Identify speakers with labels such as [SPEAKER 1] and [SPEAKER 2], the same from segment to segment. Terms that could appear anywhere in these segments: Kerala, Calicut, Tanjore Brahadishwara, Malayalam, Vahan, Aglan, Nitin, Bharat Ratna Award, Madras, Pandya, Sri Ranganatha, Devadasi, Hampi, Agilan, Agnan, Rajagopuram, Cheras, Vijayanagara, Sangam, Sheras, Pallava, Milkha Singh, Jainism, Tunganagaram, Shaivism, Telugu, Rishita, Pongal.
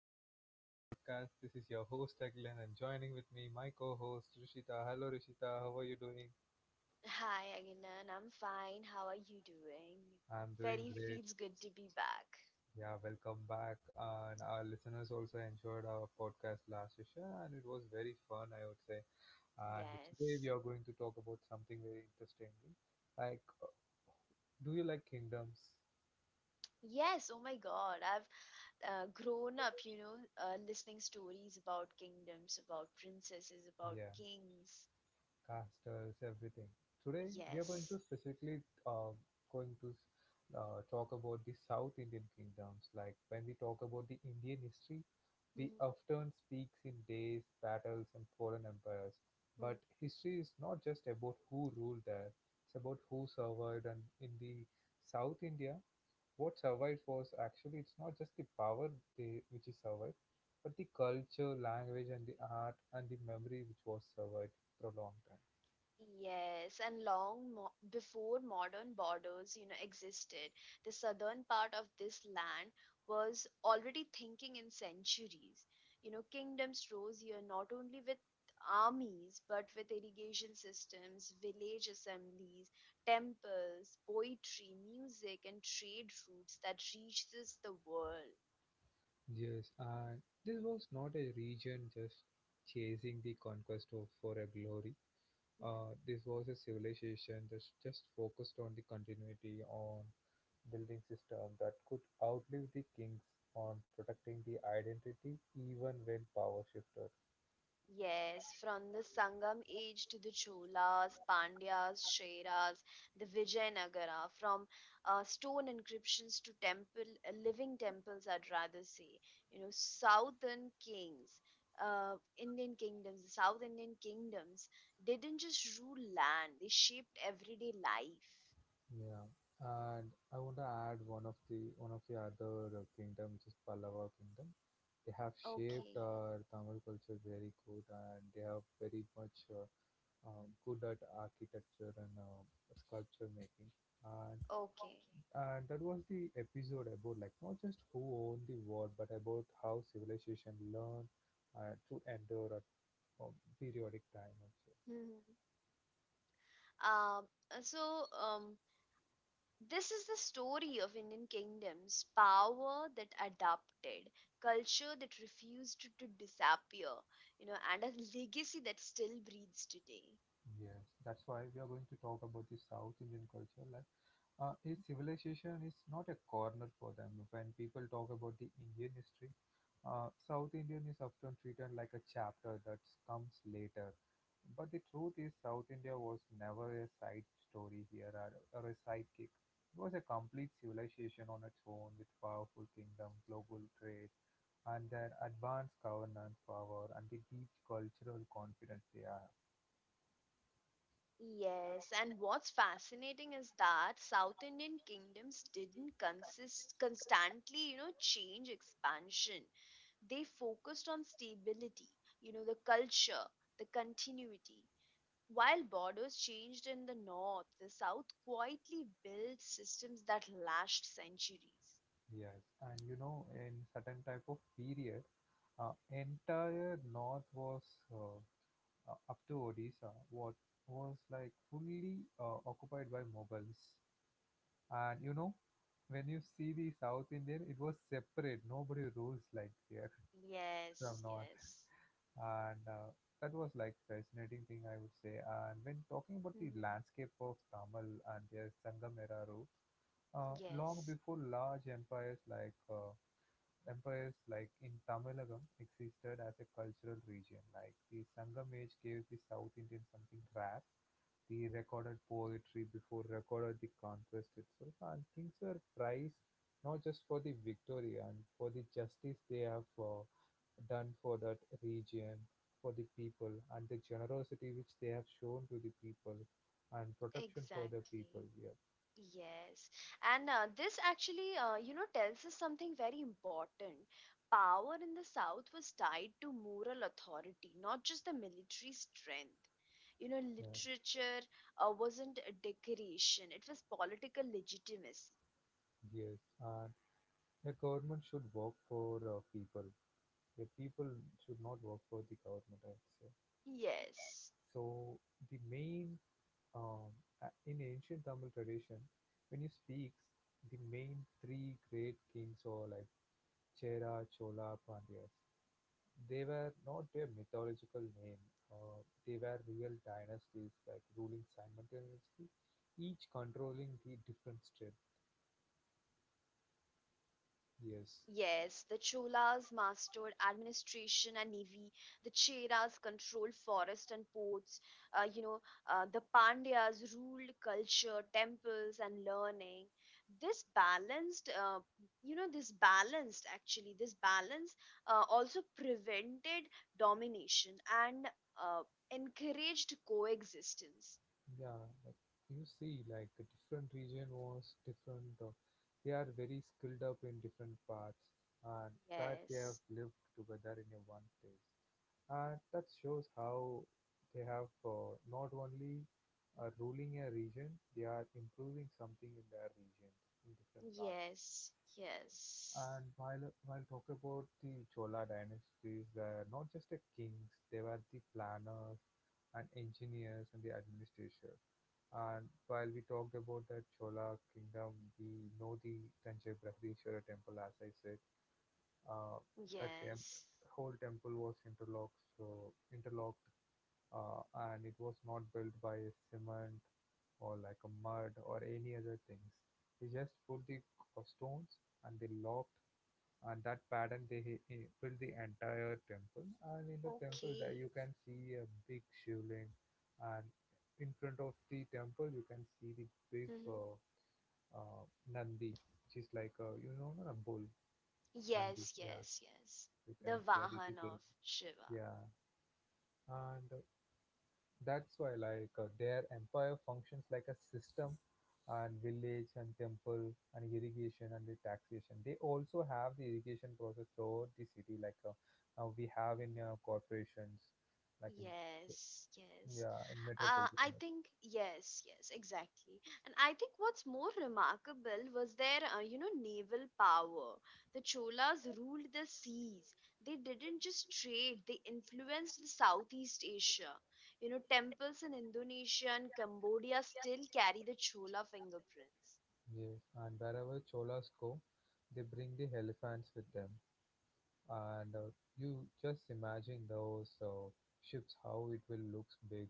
[SPEAKER 1] episode of my podcast. This is your host Aglan and joining with me my co-host Rishita. Hello Rishita, how are you doing?
[SPEAKER 2] Hi, Agnan. I'm fine. How are you doing?
[SPEAKER 1] I'm doing
[SPEAKER 2] Very
[SPEAKER 1] great.
[SPEAKER 2] feels good to be back.
[SPEAKER 1] Yeah, welcome back. And our listeners also enjoyed our podcast last session and it was very fun I would say. And today we
[SPEAKER 2] Yes.
[SPEAKER 1] are going to talk about something very interesting. Like do you like kingdoms?
[SPEAKER 2] Yes, oh my God. I've grown up, you know, listening stories about kingdoms, about princesses, about
[SPEAKER 1] Yeah.
[SPEAKER 2] kings.
[SPEAKER 1] Castles, everything. Today we are going
[SPEAKER 2] Yes.
[SPEAKER 1] to uh, going to talk about the South Indian kingdoms. Like when we talk about the Indian history, we often speaks in days, battles, and foreign empires. But history is not just about who ruled there; it's about who survived. And in the South India, what survived was actually it's not just the power they which is survived, but the culture, language, and the art and the memory which was survived for a long time.
[SPEAKER 2] Yes, and before modern borders, you know, existed, the southern part of this land was already thinking in centuries. You know, kingdoms rose here not only with armies, but with irrigation systems, village assemblies, temples, poetry, music, and trade routes that reaches the world.
[SPEAKER 1] Yes, and this was not a region just chasing the conquest of for a glory. This was a civilization that just focused on the continuity on building system that could outlive the kings on protecting the identity even when power shifted.
[SPEAKER 2] Yes, from the Sangam age to the Cholas, Pandyas, Sheras, the Vijayanagara, from stone inscriptions to temple, living temples, I'd rather say. You know, southern kings, Indian kingdoms, the South Indian kingdoms didn't just rule land, they shaped everyday life.
[SPEAKER 1] Yeah, and I want to add one of the other kingdom, which is Pallava kingdom. They have shaped
[SPEAKER 2] Okay,
[SPEAKER 1] our Tamil culture very good, and they have very much good at architecture and sculpture making. And,
[SPEAKER 2] okay.
[SPEAKER 1] and that was the episode about like not just who owned the world, but about how civilization learned to endure a periodic time also.
[SPEAKER 2] Mhm. Um, so, this is the story of Indian kingdoms, power that adapted, culture that refused to disappear, you know, and a legacy that still breathes today.
[SPEAKER 1] Yes, that's why we are going to talk about the South Indian culture, like his civilization is not a corner for them. When people talk about the Indian history, South Indian is often treated like a chapter that comes later. But the truth is, South India was never a side story here or a sidekick. It was a complete civilization on its own with powerful kingdom, global trade, and their advanced governance power and the deep cultural confidence they have.
[SPEAKER 2] Yes, and what's fascinating is that South Indian kingdoms didn't consist constantly, you know, change expansion. They focused on stability, you know, the culture, the continuity. While borders changed in the north, the south quietly built systems that lasted centuries.
[SPEAKER 1] Yes, and you know, in certain type of period, entire north was uh, up to Odisha, what was like fully occupied by Mughals. And you know, when you see the South Indian, it was separate. Nobody rules like here from
[SPEAKER 2] Yes,
[SPEAKER 1] north,
[SPEAKER 2] yes.
[SPEAKER 1] and that was like fascinating thing I would say. And when talking about the
[SPEAKER 2] Hmm.
[SPEAKER 1] landscape of Tamil and their Sangamera roots, long
[SPEAKER 2] Yes,
[SPEAKER 1] before large empires like in Tamilagam existed as a cultural region, like the Sangam age gave the South Indian something rare, the recorded poetry before recorded the conquest itself, and kings were prized not just for the victory and for the justice they have done for that region, for the people, and the generosity which they have shown to the people, and protection for the
[SPEAKER 2] exactly.
[SPEAKER 1] people. Yeah,
[SPEAKER 2] Yes. And this actually, tells us something very important. Power in the South was tied to moral authority, not just the military strength. You know,
[SPEAKER 1] yeah,
[SPEAKER 2] literature wasn't a decoration, it was political legitimacy.
[SPEAKER 1] yes. And the government should work for people. The people should not work for the government, I would say.
[SPEAKER 2] Yes.
[SPEAKER 1] So the main um, in ancient Tamil tradition, when you speaks, the main three great kings or like Chera, Chola, Pandyas, they were not their mythological name. They were real dynasties, like ruling simultaneously, each controlling the different state.
[SPEAKER 2] Yes, the Cholas
[SPEAKER 1] Yes,
[SPEAKER 2] mastered administration and navy. The Cheras controlled forest and ports. Uh, you know, the Pandyas ruled culture, temples, and learning. This balanced, this balanced actually, this balance also prevented domination and uh, encouraged coexistence.
[SPEAKER 1] yeah, like you see, like a different region was different. They are very skilled up in different parts, and that they have
[SPEAKER 2] Yes,
[SPEAKER 1] lived together in a one place. And that shows how they have not only are ruling a region, they are improving something in their region in different parts.
[SPEAKER 2] yes, yes,
[SPEAKER 1] And while talk about the Chola dynasties were not just the kings, they were the planners and engineers and the administration. And while we talked about the Chola kingdom, we know the Tanjore Brahadishwara temple, as I said, uh, that hem-
[SPEAKER 2] yes.
[SPEAKER 1] whole temple was interlocked, so interlocked, uh, and it was not built by cement or like a mud or any other things. They just put the stones and they locked and that pattern they he built the entire temple and in the temple there
[SPEAKER 2] Okay.
[SPEAKER 1] you can see a big shivling and in front of the temple you can see the big
[SPEAKER 2] Hmm.
[SPEAKER 1] uh, nandi which is like a bull nandi.
[SPEAKER 2] Yes,
[SPEAKER 1] Yeah,
[SPEAKER 2] yes, yes.
[SPEAKER 1] you can
[SPEAKER 2] The
[SPEAKER 1] see it is
[SPEAKER 2] Vahan
[SPEAKER 1] very.
[SPEAKER 2] of Shiva.
[SPEAKER 1] Yeah. And that's why, like, their empire functions like a system, and village and temple and irrigation and the taxation. They also have the irrigation process throughout the city, like now we have in corporations, like in,
[SPEAKER 2] Yes, yes.
[SPEAKER 1] yeah, in metropolitan.
[SPEAKER 2] I think, yes, yes, exactly. And I think what's more remarkable was their, naval power. The Cholas ruled the seas. They didn't just trade, they influenced the Southeast Asia. You know, temples in Indonesia and Cambodia still carry the Chola fingerprints.
[SPEAKER 1] Yes, and wherever Cholas go, they bring the elephants with them, and you just imagine those ships how it will looks big.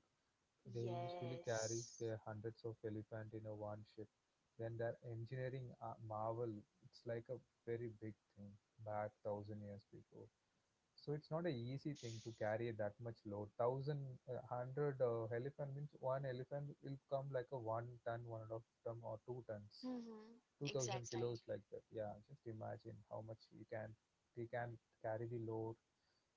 [SPEAKER 1] They usually carry
[SPEAKER 2] Yes.
[SPEAKER 1] their hundreds of elephants in a one ship. Then their engineering marvel, it's like a very big thing back 1,000 years before. So it's not an easy thing to
[SPEAKER 2] Yes.
[SPEAKER 1] carry that much load. Thousand, hundred elephant means one elephant will come like a 1 ton, one and a half ton or 2 tons,
[SPEAKER 2] Mm-hmm.
[SPEAKER 1] 2,000 kilos
[SPEAKER 2] Exactly.
[SPEAKER 1] like that. Yeah, just imagine how much they can carry the load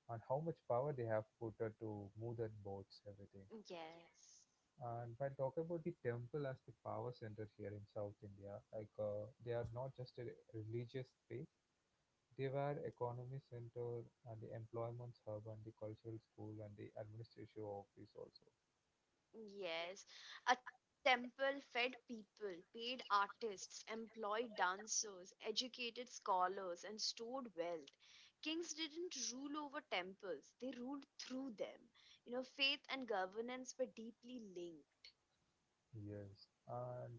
[SPEAKER 1] and how much power they have put to move that boats, everything.
[SPEAKER 2] Yes.
[SPEAKER 1] And while talking about the temple as the power center here in South India, like they are not just a religious space, they were economy center and the employment hub and the cultural school and the administrative office also.
[SPEAKER 2] Yes. A temple fed people, paid artists, employed dancers, educated scholars, and stored wealth. Kings didn't rule over temples, they ruled through them. You know, faith and governance were deeply linked.
[SPEAKER 1] Yes, and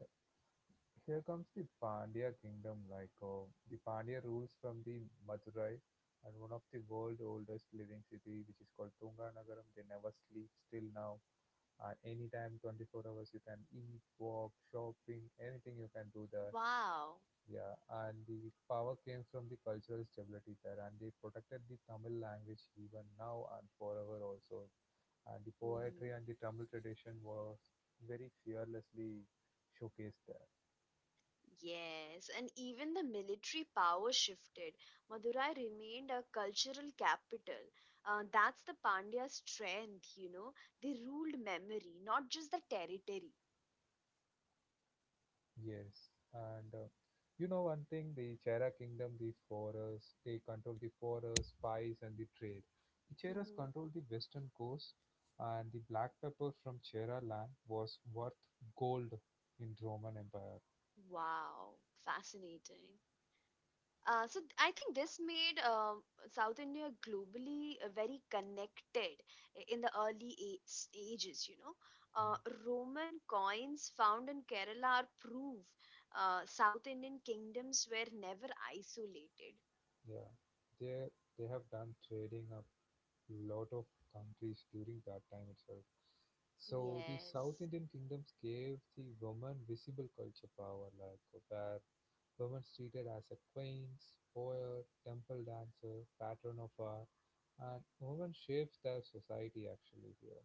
[SPEAKER 1] here comes the Pandya kingdom. Like the Pandya rules from the Madurai and one of the world oldest living city, which is called Tunganagaram. They never sleep still now anytime 24 hours you can eat walk shopping anything you can do there.
[SPEAKER 2] Wow.
[SPEAKER 1] Yeah. And the power came from the cultural stability there and they protected the tamil language even now and forever also and the
[SPEAKER 2] Mm-hmm.
[SPEAKER 1] poetry and the tamil tradition was very fearlessly showcased there.
[SPEAKER 2] Yes, and even the military power shifted. Madurai remained a cultural capital. That's the Pandya strength, you know. They ruled memory, not just the territory.
[SPEAKER 1] Yes. And you know one thing, the Chera kingdom, the forests, they control the forests, spice, and the trade. The Cheras
[SPEAKER 2] Mhm.
[SPEAKER 1] control the western coast, and the black pepper from Chera land was worth gold in Roman Empire.
[SPEAKER 2] Wow, fascinating. So I think this made South India globally very connected in the early ages. You know,
[SPEAKER 1] Mm,
[SPEAKER 2] uh, Roman coins found in Kerala are proof South Indian kingdoms were never isolated.
[SPEAKER 1] yeah, they they have done trading a lot of countries during that time itself. So the South
[SPEAKER 2] Yes,
[SPEAKER 1] Indian kingdoms gave the women visible culture power, like where women treated as a queens, poet, temple dancer, patron of art, and women shapes their society actually here.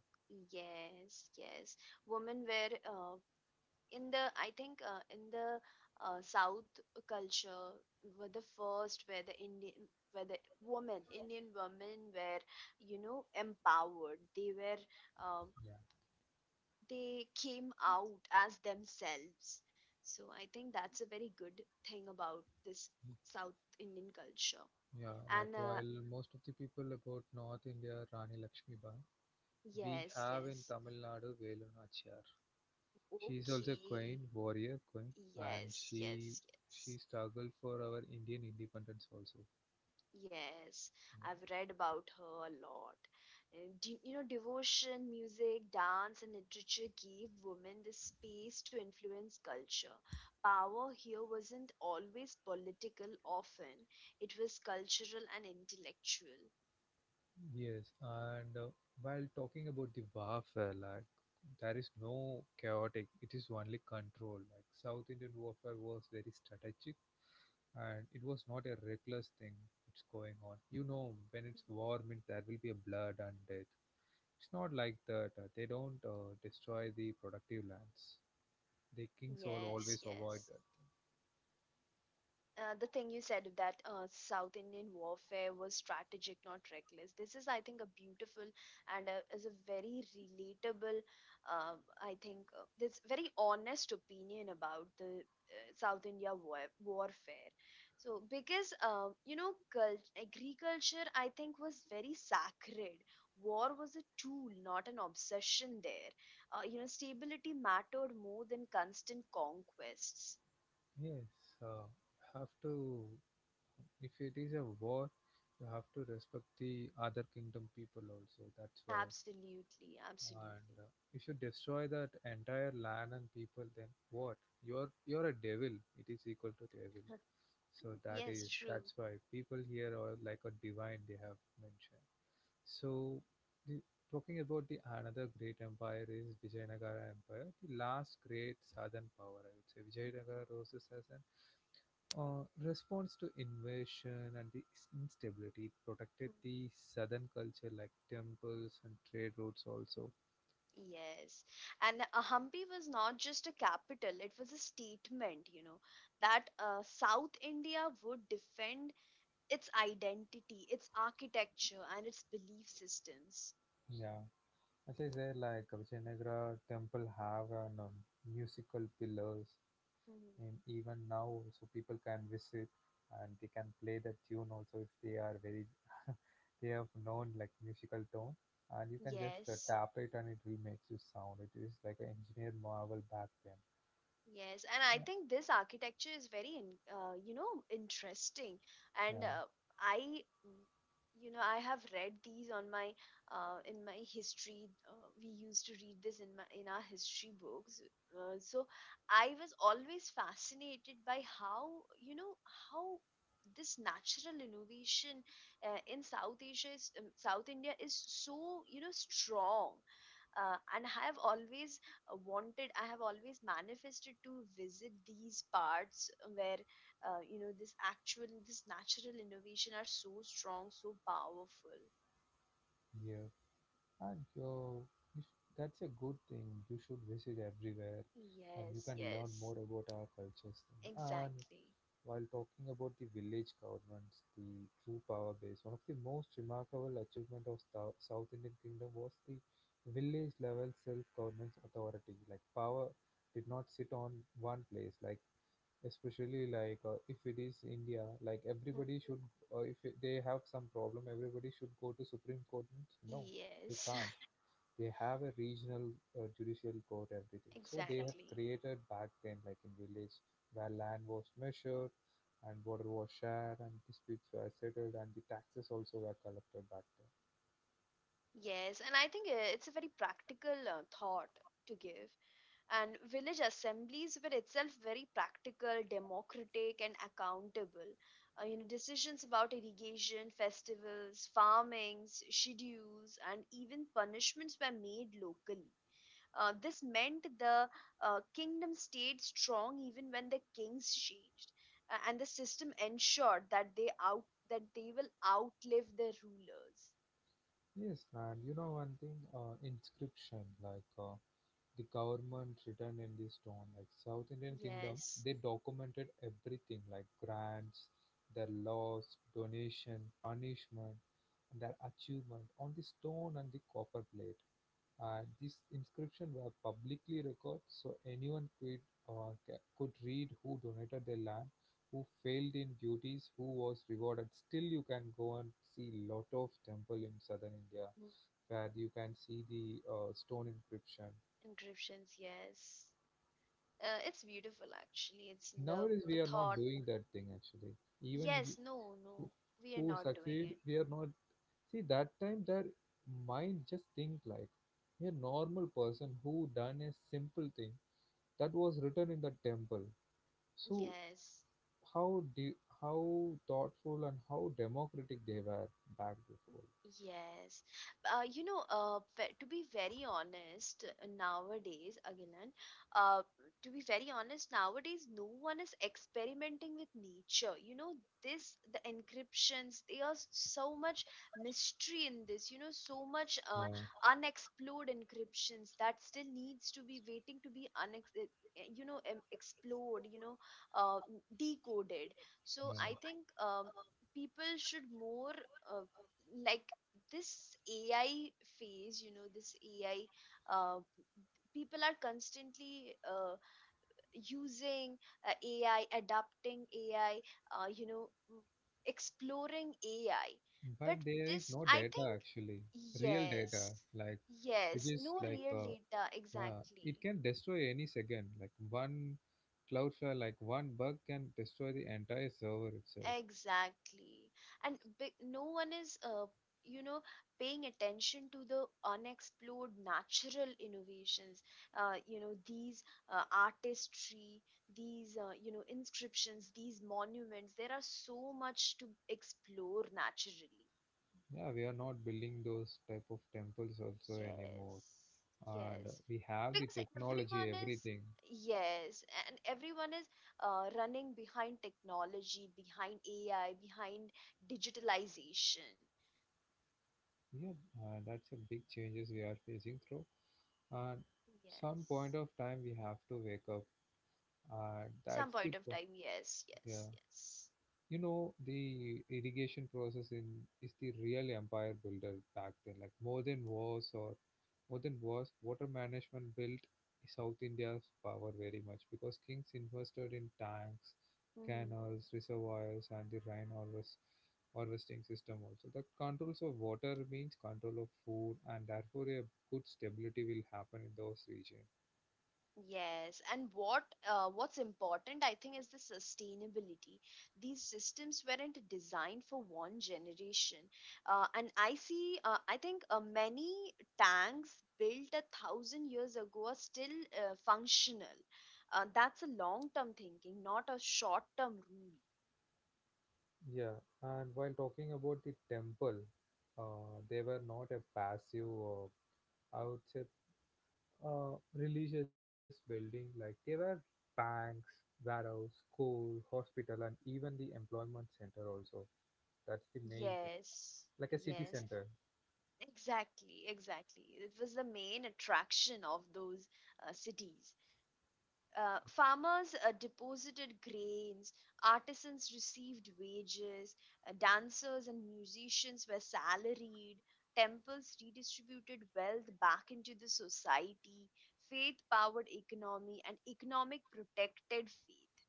[SPEAKER 2] yes, yes. Women were in the, I think, in the South culture, were the first where the Indian, where the women, Indian women were, you know, empowered. They were uh,
[SPEAKER 1] Yeah,
[SPEAKER 2] they came out as themselves. So I think that's a very good thing about this South Indian culture.
[SPEAKER 1] yeah. Like
[SPEAKER 2] And
[SPEAKER 1] while most of the people about North India, Rani Lakshmibai, we
[SPEAKER 2] yes,
[SPEAKER 1] have in
[SPEAKER 2] yes.
[SPEAKER 1] Tamil Nadu Velu Nachiyar. She is also a
[SPEAKER 2] Okay,
[SPEAKER 1] queen, warrior queen, and
[SPEAKER 2] yes, yes,
[SPEAKER 1] she
[SPEAKER 2] yes.
[SPEAKER 1] she struggled for our Indian independence also.
[SPEAKER 2] Yes, I've read about her a lot. And devotion, music, dance, and literature gave women the space to influence culture. Power here wasn't always political, often, it was cultural and intellectual.
[SPEAKER 1] Yes, and while talking about the warfare, like there is no chaotic, it is only control. Like South Indian warfare was very strategic and it was not a reckless thing that's going on. You know, when
[SPEAKER 2] Hmm.
[SPEAKER 1] it's war means there will be a blood and death. It's not like that. They don't destroy the productive lands. The kings will
[SPEAKER 2] Yes,
[SPEAKER 1] always
[SPEAKER 2] yes.
[SPEAKER 1] avoid that.
[SPEAKER 2] The thing you said, that South Indian warfare was strategic, not reckless. This is, I think, a beautiful and a, is a very relatable. Uh, I think, this very honest opinion about the South India warfare. So because agriculture, I think, was very sacred. War was a tool, not an obsession. There, stability mattered more than constant conquests.
[SPEAKER 1] Yes, uh, have to. If it is a war, you have to respect the other kingdom people also. That's why.
[SPEAKER 2] Absolutely, absolutely.
[SPEAKER 1] And if you destroy that entire land and people, then what? You're a devil. It is equal to devil. So that
[SPEAKER 2] Yes,
[SPEAKER 1] is
[SPEAKER 2] true.
[SPEAKER 1] that's why people here are like a divine. They have mentioned. So, the, talking about the another great empire is Vijayanagara Empire, the last great southern power. I would say Vijayanagara roses as an response to invasion and the instability it protected
[SPEAKER 2] Mm.
[SPEAKER 1] the southern culture like temples and trade routes also.
[SPEAKER 2] Yes. And Hampi was not just a capital, it was a statement, you know, that South India would defend its identity, its architecture, and its belief systems.
[SPEAKER 1] Yeah, as I said, like Vijayanagara temple have an, musical pillars,
[SPEAKER 2] Mhm.
[SPEAKER 1] and even now, so people can visit and they can play the tune also if they are very they have known like musical tone, and you can just
[SPEAKER 2] Yes.
[SPEAKER 1] tap it and it will make you sound. It is like an engineer marvel back then.
[SPEAKER 2] Yes, and I
[SPEAKER 1] Uh,
[SPEAKER 2] think this architecture is very, interesting. And
[SPEAKER 1] Yeah,
[SPEAKER 2] I, mm, you know, I have read these on my, in my history. We used to read this in my in our history books. So I was always fascinated by how, you know, how this natural innovation in South Asia is, South India is so, you know, strong and have always wanted. I have always manifested to visit these parts where, you know, this actual, this natural innovation are so strong, so powerful.
[SPEAKER 1] yeah. And that's a good thing. You should visit everywhere and you
[SPEAKER 2] Yes,
[SPEAKER 1] can learn more
[SPEAKER 2] yes,
[SPEAKER 1] about our cultures. Thing. And
[SPEAKER 2] exactly.
[SPEAKER 1] while talking about the village governments, the true power base, one of the most remarkable achievement of South Indian Kingdom was the village level self-governance authority. Like power did not sit on one place. Like especially like if it is India, like
[SPEAKER 2] Hmm.
[SPEAKER 1] everybody should. If it- They have some problem, everybody should go to Supreme Court. No, you
[SPEAKER 2] Yes.
[SPEAKER 1] can't they have a regional judicial court everything, so they have
[SPEAKER 2] Exactly.
[SPEAKER 1] created back then like in village where land was measured and water was shared and disputes were settled and the taxes also were collected back then.
[SPEAKER 2] Yes, and I think it's a very practical thought to give. And village assemblies were itself very practical, democratic, and accountable. You know, decisions about irrigation, festivals, farmings schedules, and even punishments were made locally. This meant the kingdom stayed strong even when the kings changed. And the system ensured that they out that they will outlive their rulers.
[SPEAKER 1] Yes, and you know one thing, inscription the government written in the stone. Like South Indian kingdom,
[SPEAKER 2] Yes.
[SPEAKER 1] they documented everything like grants, their laws, donation, punishment, and their achievement on the stone and the copper plate. And these inscription were publicly recorded so anyone could, could read who donated their land, who failed in duties, who was rewarded. Still, you can go and see lot of temple in southern India
[SPEAKER 2] Mm,
[SPEAKER 1] where you can see the stone inscription.
[SPEAKER 2] encryptions, yes. It's beautiful, actually. It's the
[SPEAKER 1] Nowadays,
[SPEAKER 2] the
[SPEAKER 1] we are not
[SPEAKER 2] thought.
[SPEAKER 1] doing that thing actually. Even you,
[SPEAKER 2] Yes, no,
[SPEAKER 1] who,
[SPEAKER 2] no, we are
[SPEAKER 1] who
[SPEAKER 2] not doing
[SPEAKER 1] succeed,
[SPEAKER 2] it.
[SPEAKER 1] we are not. See, that time their mind just think like a normal person who done a simple thing that was written in the temple. So
[SPEAKER 2] Yes,
[SPEAKER 1] how de- how thoughtful and how democratic they were back before.
[SPEAKER 2] yes. You know, to be very honest, nowadays, Agilan, uh, to be very honest, nowadays, no one is experimenting with nature. You know, this, the encryptions, there are so much mystery in this, you know, so much
[SPEAKER 1] Yeah,
[SPEAKER 2] unexplored encryptions that still needs to be waiting to be unex eh, eh, you know, em- explored, you know, uh, decoded. So
[SPEAKER 1] yeah.
[SPEAKER 2] I think, people should more, uh, like this AI phase, you know, this AI, uh, people are constantly using AI, adapting AI, uh, you know, m- exploring AI. But
[SPEAKER 1] But there is
[SPEAKER 2] this,
[SPEAKER 1] no
[SPEAKER 2] I think,
[SPEAKER 1] data actually, real data
[SPEAKER 2] yes,
[SPEAKER 1] like which
[SPEAKER 2] yes,
[SPEAKER 1] is
[SPEAKER 2] no
[SPEAKER 1] like
[SPEAKER 2] real data
[SPEAKER 1] yeah,
[SPEAKER 2] exactly.
[SPEAKER 1] it can destroy any second. Like one cloudflare, like one bug can destroy the entire server itself.
[SPEAKER 2] Exactly. And no one is, you know, paying attention to the unexplored natural innovations. You know, these artistry, these, inscriptions, these monuments, there are so much to explore naturally.
[SPEAKER 1] Yeah, we are not building those type of temples also
[SPEAKER 2] Yes.
[SPEAKER 1] anymore. And
[SPEAKER 2] Yes.
[SPEAKER 1] we have the
[SPEAKER 2] Because
[SPEAKER 1] technology,
[SPEAKER 2] everyone is,
[SPEAKER 1] everything.
[SPEAKER 2] yes, and everyone is running behind technology, behind AI, behind digitalization.
[SPEAKER 1] Yeah, that's a big changes we are facing through. And some
[SPEAKER 2] Yes.
[SPEAKER 1] point of time we have to wake up. And
[SPEAKER 2] Some point of time. Yes,
[SPEAKER 1] yeah.
[SPEAKER 2] yes, yes.
[SPEAKER 1] You know the irrigation process in is the real empire builder back then, like more than wars, water management built south india's power very much because kings invested in tanks,
[SPEAKER 2] Hmm.
[SPEAKER 1] canals, reservoirs and the rain harvest harvesting system. Also, the controls of water means control of food, and therefore a good stability will happen in those regions.
[SPEAKER 2] Yes. And what's important, I think, is the sustainability. These systems weren't designed for one generation. And I see, I think many tanks built 1,000 years ago are still functional. That's a long-term thinking, not a short-term rule.
[SPEAKER 1] Yeah, and while talking about the temple, they were not a passive I would say, a religious building. Like they were banks, warehouse, school, hospital and even the employment center also. That's the main thing.
[SPEAKER 2] Yes,
[SPEAKER 1] Like a city
[SPEAKER 2] yes.
[SPEAKER 1] center.
[SPEAKER 2] Exactly, exactly. It was the main attraction of those cities. Farmers deposited grains, artisans received wages, dancers and musicians were salaried, temples redistributed wealth back into the society, faith powered economy, and economic protected faith.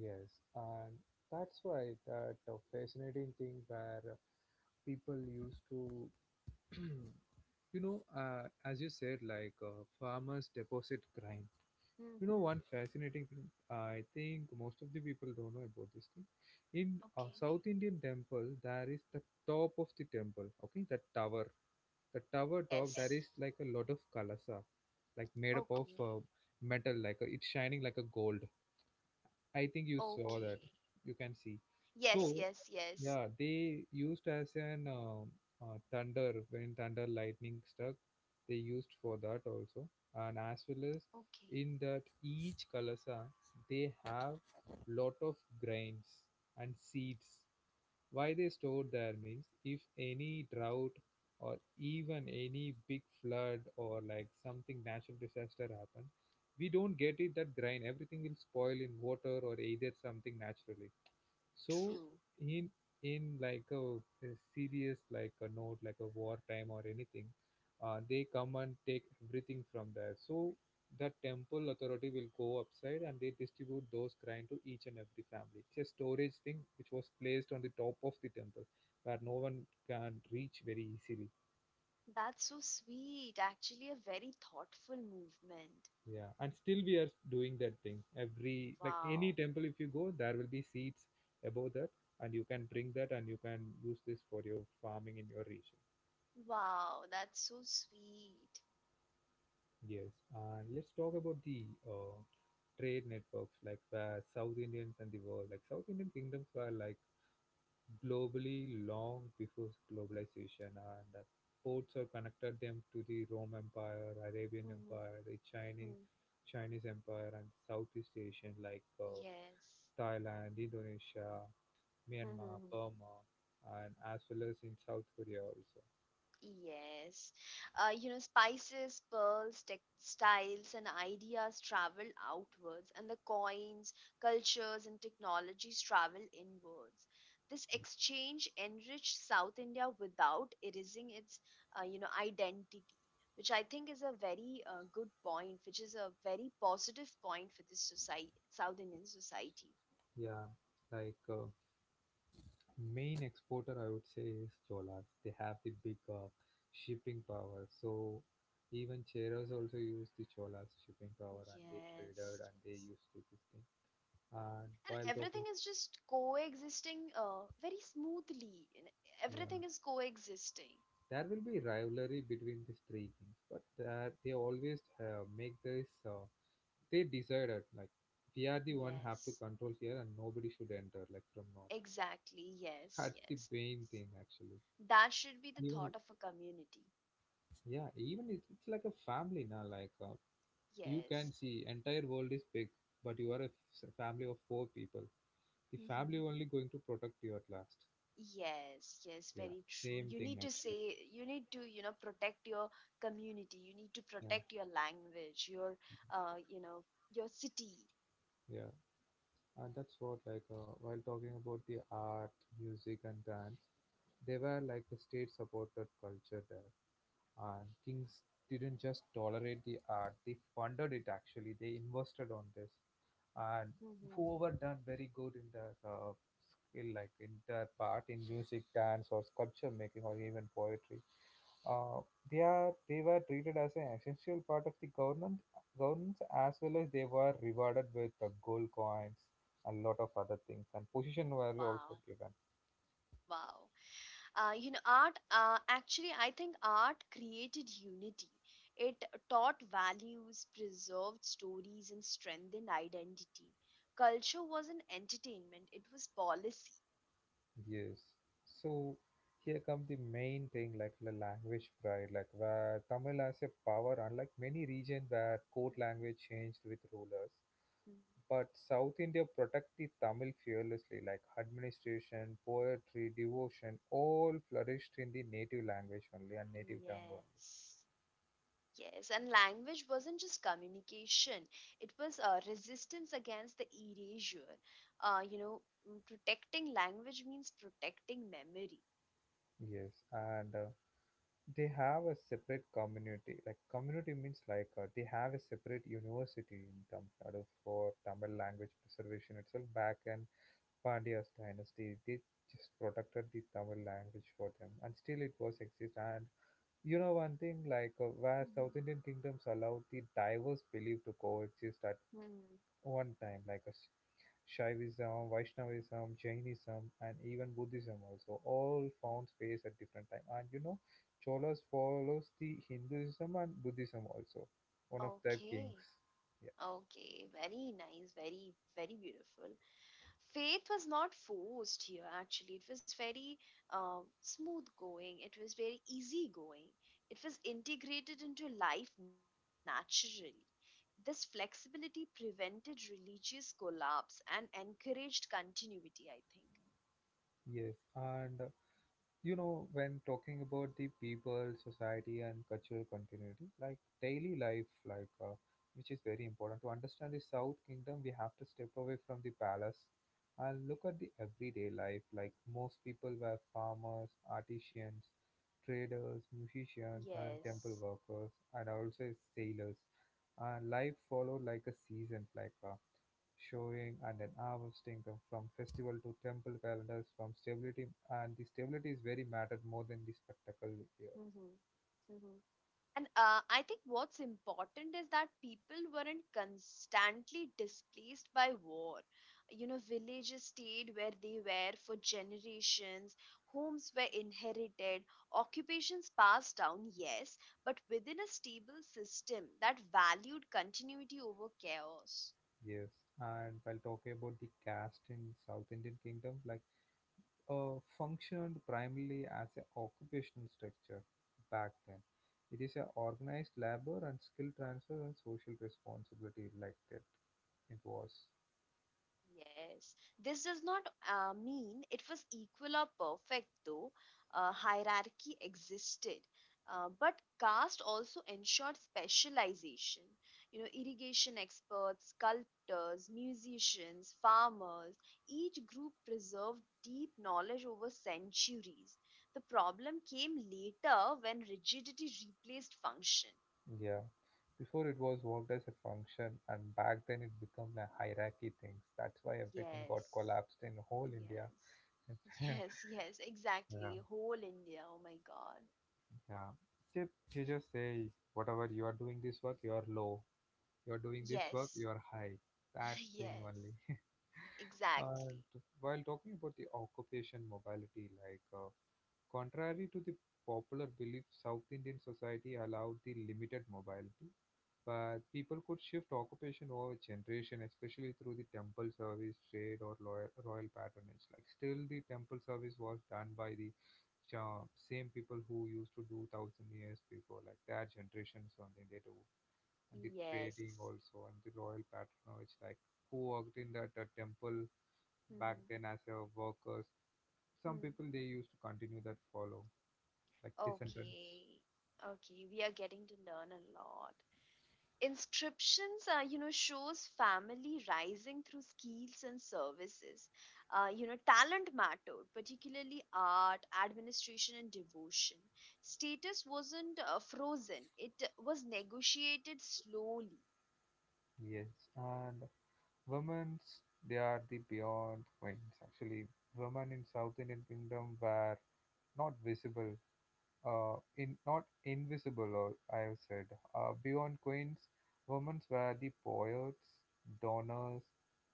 [SPEAKER 1] Yes. And that's why that fascinating thing where people used to you know, as you said, farmers deposit grain. You know,
[SPEAKER 2] Hmm.
[SPEAKER 1] one fascinating thing, I think most of the people don't know about this thing. In a
[SPEAKER 2] Okay.
[SPEAKER 1] South Indian temple, there is the top of the temple, okay, that tower. The tower top, there
[SPEAKER 2] Yes.
[SPEAKER 1] is like a lot of kalasa, like made up
[SPEAKER 2] Okay.
[SPEAKER 1] of metal, like it's shining like a gold. I think you
[SPEAKER 2] Okay.
[SPEAKER 1] saw that. You can see.
[SPEAKER 2] Yes, yes,
[SPEAKER 1] So,
[SPEAKER 2] yes.
[SPEAKER 1] yeah, they used as an thunder when thunder lightning struck. They used for that also, and as well as
[SPEAKER 2] Okay.
[SPEAKER 1] in that each kalasa they have lot of grains and seeds. Why? They store their meals if any drought or even any big flood or like something natural disaster happen, we don't get it. That grain, everything will spoil in water or either something naturally. So
[SPEAKER 2] True.
[SPEAKER 1] in in like a serious like a note, like a wartime or anything, they come and take everything from there. So the temple authority will go upside and they distribute those grain to each and every family. It's a storage thing which was placed on the top of the temple where no one can reach very easily.
[SPEAKER 2] That's so sweet. Actually, a very thoughtful movement.
[SPEAKER 1] Yeah, and still we are doing that thing. Every like any
[SPEAKER 2] Wow.
[SPEAKER 1] temple, if you go, there will be seeds above that, and you can bring that and you can use this for your farming in your region.
[SPEAKER 2] Wow, that's so sweet.
[SPEAKER 1] Yes, and let's talk about the trade networks, like where South Indians and the world, like South Indian kingdoms were like globally long before globalization, and ports are connected them to the Rome Empire, Arabian
[SPEAKER 2] Mhm.
[SPEAKER 1] Empire, the
[SPEAKER 2] Mm.
[SPEAKER 1] Chinese Empire, and Southeast Asian, like
[SPEAKER 2] Yes.
[SPEAKER 1] Thailand, Indonesia, Myanmar, Burma, and as well as in South Korea also.
[SPEAKER 2] Yes. You know, spices, pearls, textiles, and ideas travel outwards, and the coins, cultures, and technologies travel inwards. This exchange enriched South India without erasing its, identity, which I think is a very good point, which is a very positive point for this society, South Indian society.
[SPEAKER 1] Yeah, like. Main exporter I would say is Cholas. They have the big shipping power. So even Cheras also used the Cholas shipping power and they traded
[SPEAKER 2] Yes,
[SPEAKER 1] and they
[SPEAKER 2] yes.
[SPEAKER 1] used to this thing. And
[SPEAKER 2] And
[SPEAKER 1] while
[SPEAKER 2] everything
[SPEAKER 1] talking,
[SPEAKER 2] is just coexisting very smoothly, and
[SPEAKER 1] yeah,
[SPEAKER 2] everything is coexisting.
[SPEAKER 1] there will be rivalry between these three kings, but they always make this. They decided like we are the one have to
[SPEAKER 2] Yes,
[SPEAKER 1] control here and nobody should enter like from north.
[SPEAKER 2] exactly. Yes,
[SPEAKER 1] That's the
[SPEAKER 2] yes,
[SPEAKER 1] main
[SPEAKER 2] yes.
[SPEAKER 1] thing actually.
[SPEAKER 2] That should be the
[SPEAKER 1] Even
[SPEAKER 2] thought of a community.
[SPEAKER 1] yeah, even it's like a family now like you can
[SPEAKER 2] Yes.
[SPEAKER 1] see entire world is big, but you are a family of four people. The
[SPEAKER 2] Hmm.
[SPEAKER 1] family only going to protect you at last.
[SPEAKER 2] Yes, yes,
[SPEAKER 1] Yeah,
[SPEAKER 2] very true. You
[SPEAKER 1] same
[SPEAKER 2] need
[SPEAKER 1] thing
[SPEAKER 2] to
[SPEAKER 1] actually.
[SPEAKER 2] say, you need to, you know, protect your community, you need to
[SPEAKER 1] Yeah,
[SPEAKER 2] protect your language, your you know your city.
[SPEAKER 1] yeah. And that's what like while talking about the art, music, and dance, they were like the state supported culture there. And kings didn't just tolerate the art; they funded it. Actually, they invested on this, and
[SPEAKER 2] Hmm.
[SPEAKER 1] whoever done very good in their skill, like in their part in music, dance, or sculpture making, or even poetry, uh, they were treated as an essential part of the government governance, as well as they were rewarded with gold coins, a lot of other things, and position were also
[SPEAKER 2] Wow,
[SPEAKER 1] given.
[SPEAKER 2] wow. You know, art, actually, I think art created unity. It taught values, preserved stories, and strengthened identity. Culture wasn't entertainment, it was policy.
[SPEAKER 1] Yes. So here comes the main thing like the language pride, like where Tamil has a power, unlike many regions where court language changed with rulers.
[SPEAKER 2] Mhm.
[SPEAKER 1] But South India protect the Tamil fearlessly, like administration, poetry, devotion, all flourished in the native language only and native tongue only.
[SPEAKER 2] Yes, yes, and language wasn't just communication, it was resistance against the erasure. uh, you know Protecting language means protecting memory.
[SPEAKER 1] Yes, and they have a separate community. Like community means like they have a separate university in Tamil Nadu for Tamil language preservation itself. Back in Pandya's dynasty, they just protected the Tamil language for them, and still it was exist. And you know one thing like where
[SPEAKER 2] Mhm.
[SPEAKER 1] South Indian kingdoms allowed the diverse belief to coexist at
[SPEAKER 2] Hmm.
[SPEAKER 1] one time, like a Shaivism, Vaishnavism, Jainism, and even Buddhism also all found space at different time. And you know, Cholas follows the Hinduism and Buddhism also. One of their
[SPEAKER 2] Okay.
[SPEAKER 1] kings. Yeah.
[SPEAKER 2] Okay, very nice, very, very beautiful. Faith was not forced here, actually. It was very smooth going, it was very easy going, it was integrated into life naturally. This flexibility prevented religious collapse and encouraged continuity, I think.
[SPEAKER 1] Yes. And you know, when talking about the people society and cultural continuity, like daily life, which is very important to understand the south kingdom, we have to step away from the palace and look at the everyday life. Like most people were farmers, artisans, traders, musicians and temple
[SPEAKER 2] Yes.
[SPEAKER 1] workers, and also sailors, and life followed like a season, showing and an hour's income from festival to temple calendars from stability, and the stability is very mattered more than the spectacle here.
[SPEAKER 2] Mm-hmm. Mm-hmm. And I think what's important is that people weren't constantly displaced by war. You know, villages stayed where they were for generations, homes were inherited, occupations passed down, yes, but within a stable system that valued continuity over chaos.
[SPEAKER 1] Yes. And while talking about the caste in South Indian kingdom, like functioned primarily as an occupational structure back then. It is a organized labor and skill transfer and social responsibility like that it was.
[SPEAKER 2] Yes, this does not mean it was equal or perfect, though. Hierarchy existed. But caste also ensured specialization. You know, irrigation experts, sculptors, musicians, farmers, each group preserved deep knowledge over centuries. The problem came later when rigidity replaced function.
[SPEAKER 1] Yeah. Before it was worked as a function, and back then it became a hierarchy things. That's why everything got
[SPEAKER 2] Yes.
[SPEAKER 1] collapsed in whole India.
[SPEAKER 2] Yes. Yes, yes,
[SPEAKER 1] Yeah,
[SPEAKER 2] exactly. Whole India. Oh my God.
[SPEAKER 1] yeah. You just say whatever you are doing this work, you are low. You are doing this work,
[SPEAKER 2] Yes.
[SPEAKER 1] you are high. That thing
[SPEAKER 2] Yes.
[SPEAKER 1] only. And
[SPEAKER 2] Exactly.
[SPEAKER 1] while talking about the occupation mobility, contrary to the popular belief, South Indian society allowed the limited mobility, but people could shift occupation over generation, especially through the temple service, trade, or loyal, royal patronage. Like still, the temple service was done by the same people who used to do thousand years before, like their generations only they do, and the trading
[SPEAKER 2] Yes.
[SPEAKER 1] also, and the royal patronage, like who worked in that temple back
[SPEAKER 2] Mm-hmm.
[SPEAKER 1] then as a workers. Some people
[SPEAKER 2] Hmm.
[SPEAKER 1] they used to continue that follow like descendants.
[SPEAKER 2] Okay. Okay. We are getting to learn a lot. Inscriptions shows family rising through skills and services. Talent mattered, particularly art, administration, and devotion. Status wasn't frozen, it was negotiated slowly.
[SPEAKER 1] Yes, and women's, they are the beyond queens. Actually, women in South Indian kingdom were not visible, in not invisible, or I have said, beyond queens. Women were the poets, donors,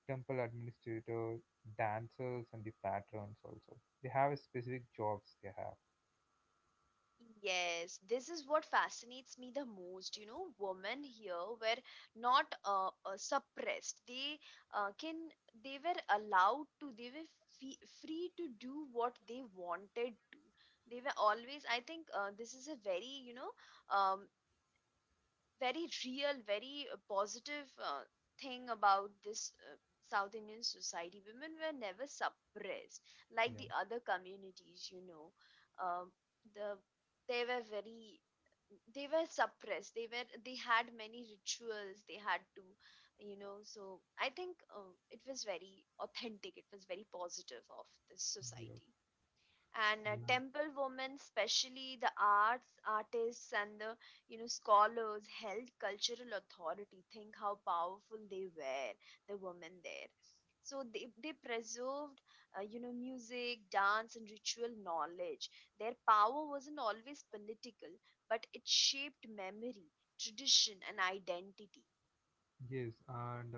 [SPEAKER 1] temple administrators, dancers, and the patrons also. They have a specific jobs they have.
[SPEAKER 2] Yes, this is what fascinates me the most. You know, women here were not suppressed. They can, they were allowed to, they were free to do what they wanted to. They were always, I think, this is a very, you know, um, very real, very positive thing about this South Indian society. Women were never suppressed like
[SPEAKER 1] Yeah.
[SPEAKER 2] the other communities, you know. Um, the they were very they were they had many rituals they had to, you know. So I think it was very authentic, it was very positive of this
[SPEAKER 1] Yeah.
[SPEAKER 2] society. And
[SPEAKER 1] Mm.
[SPEAKER 2] temple women, especially the arts artists and the, you know, scholars held cultural authority. Think how powerful they were, the women there. So they preserved, you know, music, dance, and ritual knowledge. Their power wasn't always political, but it shaped memory, tradition, and identity.
[SPEAKER 1] Yes, and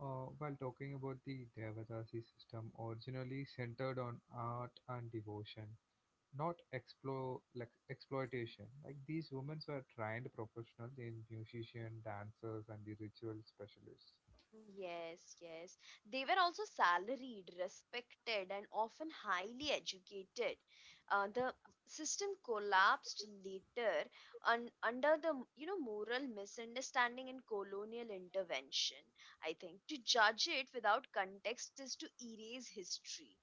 [SPEAKER 1] While talking about the Devadasi system, originally centered on art and devotion, not like exploitation. Like these women were trained professionals in musician, dancers, and the ritual specialists.
[SPEAKER 2] Yes, yes. They were also salaried, respected, and often highly educated. The system collapsed later un under the, you know, moral misunderstanding and colonial intervention, I think. To judge it without context is to erase history.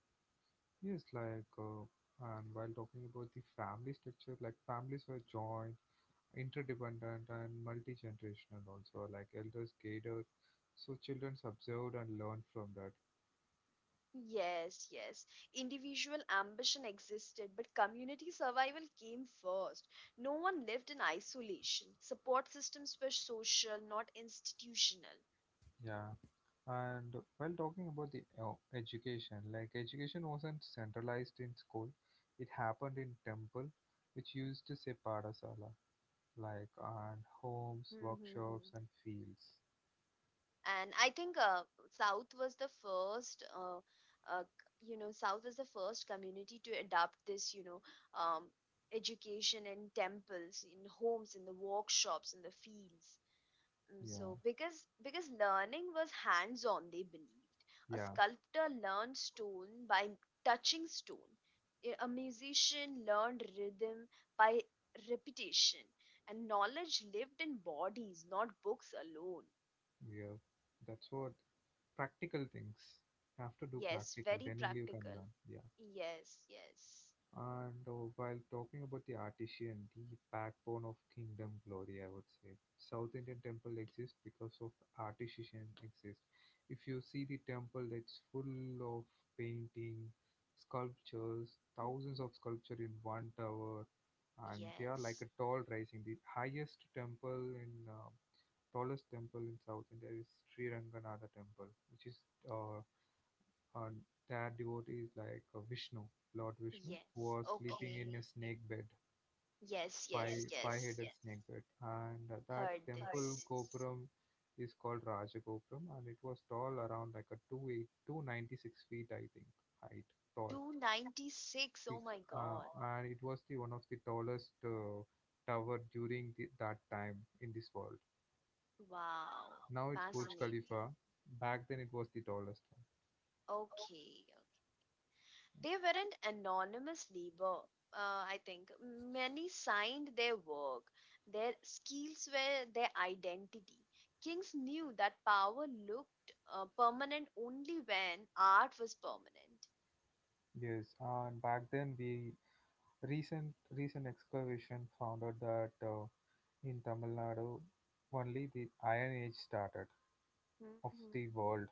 [SPEAKER 1] Yes, and while talking about the family structure, like families were joined, interdependent, and multi-generational. Also, like elders catered, so children observed and learned from that.
[SPEAKER 2] Yes, yes. Individual ambition existed, but community survival came first. No one lived in isolation. Support systems were social, not institutional.
[SPEAKER 1] Yeah. And while talking about the education, like education wasn't centralized in school, it happened in temple, which used to say Padasala, like, and homes,
[SPEAKER 2] Hmm, hmm,
[SPEAKER 1] workshops,
[SPEAKER 2] hmm.
[SPEAKER 1] and fields.
[SPEAKER 2] And I think South was the first, you know, South was the first community to adopt this, you know, um, education in temples, in homes, in the workshops, in the fields. Mm,
[SPEAKER 1] Yeah,
[SPEAKER 2] so because learning was hands on, they believed a
[SPEAKER 1] yeah,
[SPEAKER 2] sculptor learned stone by touching stone. A musician learned rhythm by repetition, and knowledge lived in bodies, not books alone.
[SPEAKER 1] yeah. That's what practical things. You have to do
[SPEAKER 2] Yes,
[SPEAKER 1] practical,
[SPEAKER 2] very
[SPEAKER 1] then only you can
[SPEAKER 2] practical.
[SPEAKER 1] learn. Yeah.
[SPEAKER 2] Yes, yes.
[SPEAKER 1] And while talking about the artisan, the backbone of kingdom glory, I would say. South Indian temple exists because of artisan exists. If you see the temple, it's full of painting, sculptures,
[SPEAKER 2] Mhm.
[SPEAKER 1] thousands of sculpture in one tower, and they are like
[SPEAKER 2] Yes,
[SPEAKER 1] a tall rising. The highest temple in tallest temple in South India is Sri Ranganatha temple, which is uh, and that devotee is like Vishnu, Lord Vishnu, who
[SPEAKER 2] yes.
[SPEAKER 1] was sleeping
[SPEAKER 2] Okay,
[SPEAKER 1] in Okay. a snake bed,
[SPEAKER 2] yes, yes,
[SPEAKER 1] Five yes,
[SPEAKER 2] yes.
[SPEAKER 1] headed yes. snake bed, and that Heard
[SPEAKER 2] Heard
[SPEAKER 1] temple this.
[SPEAKER 2] this.
[SPEAKER 1] Gopuram is called Rajagopuram, and it was tall around like a two ninety six feet I think height tall,
[SPEAKER 2] 296,
[SPEAKER 1] Six,
[SPEAKER 2] oh my
[SPEAKER 1] Oh my
[SPEAKER 2] god.
[SPEAKER 1] God. And it was the one of the tallest tower during that time in this world. Wow.
[SPEAKER 2] Wow,
[SPEAKER 1] Now it's Burj That's
[SPEAKER 2] fascinating.
[SPEAKER 1] Khalifa. Back then it was the tallest one.
[SPEAKER 2] Okay. They weren't anonymous labor, I think. Many signed their work. Their skills were their identity. Kings knew that power looked permanent only when art was permanent.
[SPEAKER 1] Yes, and back then we, recent excavation found out that in Tamil Nadu only the Iron Age started
[SPEAKER 2] Mhm,
[SPEAKER 1] of
[SPEAKER 2] mhm.
[SPEAKER 1] the world.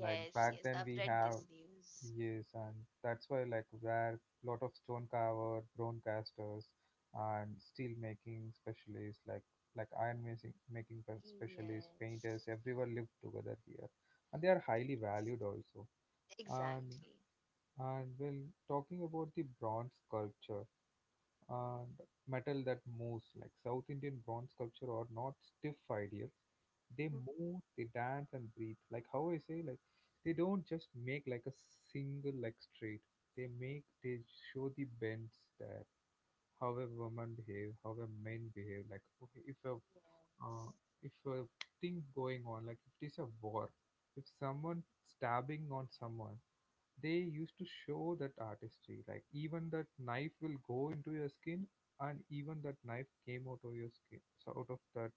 [SPEAKER 1] Like back
[SPEAKER 2] yes,
[SPEAKER 1] then
[SPEAKER 2] I've
[SPEAKER 1] we
[SPEAKER 2] read
[SPEAKER 1] have,
[SPEAKER 2] this news.
[SPEAKER 1] yes, and that's why like where lot of stone carver, bronze casters, and steel making specialists like iron making specialists,
[SPEAKER 2] Yes,
[SPEAKER 1] painters, everyone lived together here, and they are highly
[SPEAKER 2] yes,
[SPEAKER 1] valued also. And
[SPEAKER 2] exactly.
[SPEAKER 1] and well, talking about the bronze sculptures. And metal that moves, like South Indian bronze sculpture are not stiff ideals. They
[SPEAKER 2] Mhm.
[SPEAKER 1] move, they dance and breathe. Like how I say, like they don't just make like a single like straight. They show the bends that how a woman behave, how a men behave. Like okay, if a
[SPEAKER 2] Yes.
[SPEAKER 1] uh, if a thing going on, like if it is a war, if someone stabbing on someone, they used to show that artistry like even that knife will go into your skin and even that knife came out of your skin so out of that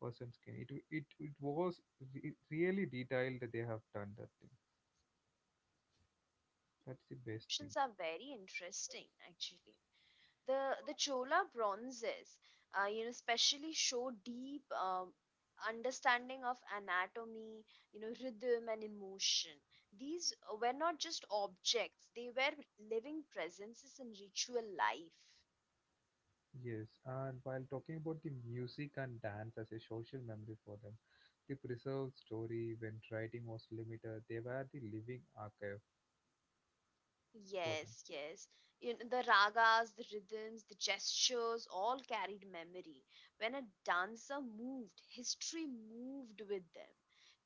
[SPEAKER 1] person's skin it was really detailed that they have done that thing. That's the best
[SPEAKER 2] Descriptions
[SPEAKER 1] thing.
[SPEAKER 2] are very interesting actually. The chola bronzes, you know, especially show deep, understanding of anatomy, you know, rhythm and emotion. These were not just objects, they were living presences in ritual life.
[SPEAKER 1] Yes, and while talking about the music and dance as a social memory for them, the preserved story when writing was limited they were the living archive for them.
[SPEAKER 2] Yes, yes. You know, the ragas, the rhythms, the gestures all carried memory. When a dancer moved, history moved with them.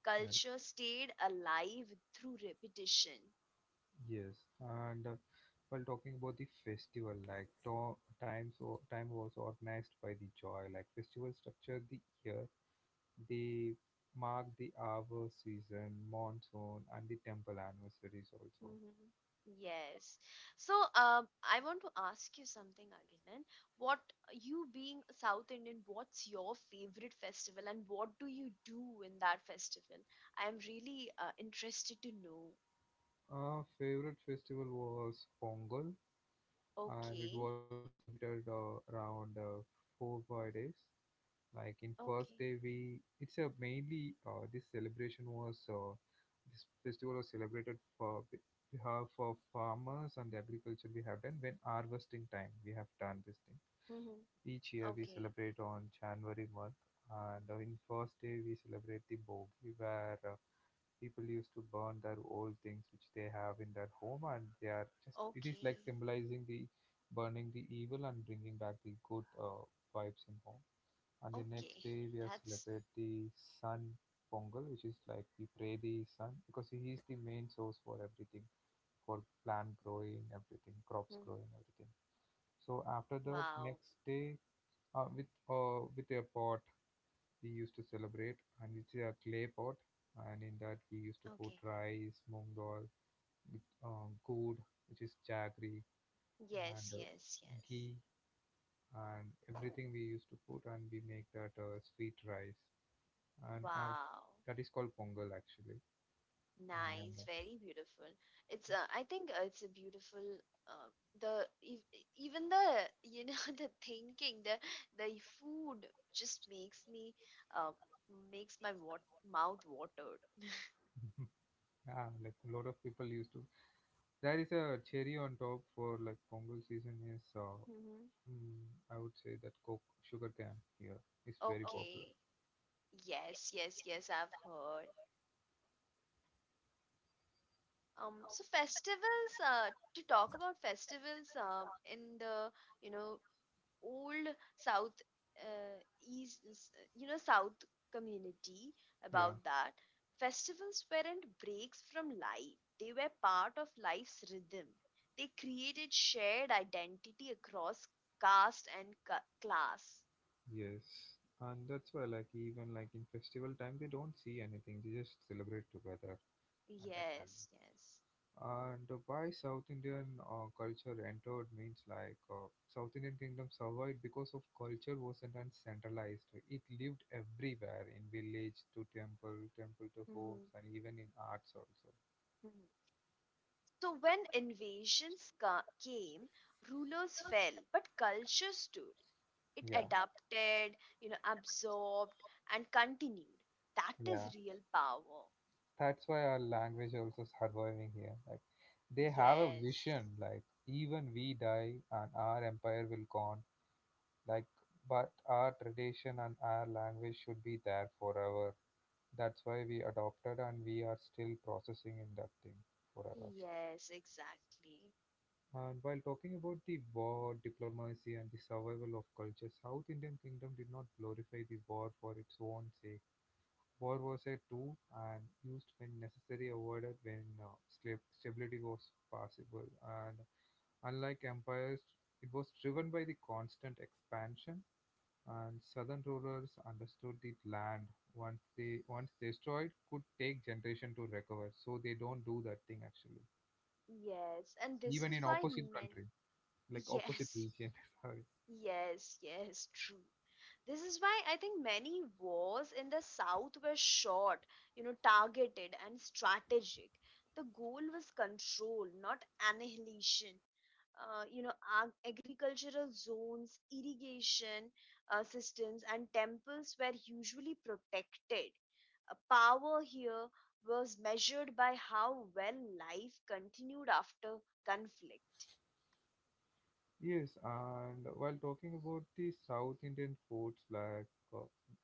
[SPEAKER 2] Culture stayed alive through repetition.
[SPEAKER 1] Yes, and while talking about the festival, like times time was organized by the joy, like festival structure the year, they mark the hour, season, monsoon, and the temple anniversaries also.
[SPEAKER 2] Hmm. Yes. So, I want to ask you something, Agilan. What, you being a South Indian, what's your favorite festival, and what do you do in that festival? I am really interested to know.
[SPEAKER 1] Our favorite festival was Pongal, and it
[SPEAKER 2] Okay.
[SPEAKER 1] was celebrated around four five days. Like in first
[SPEAKER 2] Okay.
[SPEAKER 1] day, we it's a mainly, this festival was celebrated for behalf of farmers and the agriculture we have done when harvesting time we have done this
[SPEAKER 2] Mm-hmm.
[SPEAKER 1] thing.
[SPEAKER 2] Okay.
[SPEAKER 1] Each year we celebrate on January month, and in first day we celebrate the Bogi where people used to burn their old things which they have in their home, and they are just it is
[SPEAKER 2] Okay.
[SPEAKER 1] like symbolizing the burning the evil and bringing back the good vibes in home, and the
[SPEAKER 2] Okay.
[SPEAKER 1] next day we are
[SPEAKER 2] That's
[SPEAKER 1] celebrate the sun pongal, which is like we pray the sun because he is the main source for everything, for plant growing, everything,
[SPEAKER 2] mm,
[SPEAKER 1] crops growing, everything. So after that,
[SPEAKER 2] wow.
[SPEAKER 1] next day, with a pot we used to celebrate, and it's a clay pot, and in that we used to
[SPEAKER 2] Okay.
[SPEAKER 1] put rice, moong dal, with, gourd, which is jaggery,
[SPEAKER 2] Yes,
[SPEAKER 1] and
[SPEAKER 2] yes, yes.
[SPEAKER 1] ghee, and everything we used to put, and we make that sweet rice. And I've
[SPEAKER 2] Wow.
[SPEAKER 1] that is called Pongal actually, and
[SPEAKER 2] Nice. Very beautiful. It's I think it's a beautiful uh, even the, you know, the thinking, the food just makes me uh makes my mouth watered.
[SPEAKER 1] uh, yeah, like a lot of people used to. There is a cherry on top for like Pongal season is,
[SPEAKER 2] Mm-hmm.
[SPEAKER 1] mm, I would say that coke sugar cane here is very popular.
[SPEAKER 2] Okay. Yes, yes, yes, I've heard. So festivals, to talk about festivals, in the, you know, old South, East, you know, South community,
[SPEAKER 1] Okay. Yeah.
[SPEAKER 2] about that. Festivals weren't breaks from life. They were part of life's rhythm. They created shared identity across caste and class.
[SPEAKER 1] Yes, and that's why like even like in festival time they don't see anything; they just celebrate together at that time.
[SPEAKER 2] Yes, yes.
[SPEAKER 1] And why South Indian culture entered means like South Indian kingdom survived because of culture wasn't centralized. It lived everywhere in village to temple, temple to homes,
[SPEAKER 2] Mm-hmm,
[SPEAKER 1] and even in arts also.
[SPEAKER 2] mm-hmm. So, when invasions came, rulers fell, but culture stood. It
[SPEAKER 1] Yeah,
[SPEAKER 2] adapted, you know, absorbed, and continued. That
[SPEAKER 1] yeah.
[SPEAKER 2] is real power.
[SPEAKER 1] That's why our language also surviving here. Like they have a
[SPEAKER 2] Yes,
[SPEAKER 1] vision. Like even we die and our empire will gone. Like but our tradition and our language should be there forever. That's why we adopted and we are still processing in that thing forever.
[SPEAKER 2] yes, exactly.
[SPEAKER 1] And while talking about the war, diplomacy, and the survival of culture, South Indian kingdom did not glorify the war for its own sake. War was a tool and used when necessary, avoided when stability was possible. And unlike empires, it was driven by the constant expansion. And southern rulers understood that land, once they once destroyed, could take generation to recover. So they don't do that thing actually,
[SPEAKER 2] Yes, and this
[SPEAKER 1] even
[SPEAKER 2] is
[SPEAKER 1] in
[SPEAKER 2] why
[SPEAKER 1] opposite
[SPEAKER 2] men.
[SPEAKER 1] country, like opposite
[SPEAKER 2] Yes,
[SPEAKER 1] region. Sorry.
[SPEAKER 2] yes, yes, true. This is why I think many wars in the South were short, you know, targeted and strategic. The goal was control, not annihilation. You know, agricultural zones, irrigation systems, and temples were usually protected. Power here was measured by how well life continued after conflict.
[SPEAKER 1] Yes, and while talking about the South Indian foods, like uh,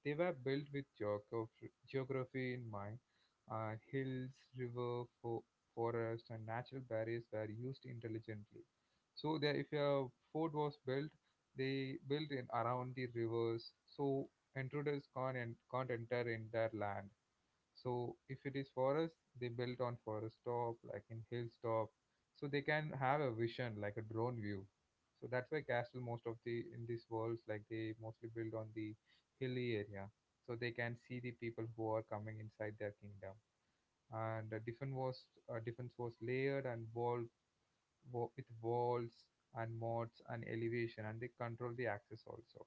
[SPEAKER 1] they were built with geography in mind, and hills, river, forest, and natural barriers were used intelligently. So, there, if a fort was built, they built in around the rivers, so intruders can't enter in their land. So if it is forest, they built on forest top, like in hill top, so they can have a vision like a drone view. So that's why castle most of the in these worlds like they mostly build on the hilly area, so they can see the people who are coming inside their kingdom. And defense was layered and with walls and moats and elevation, and they control the access also.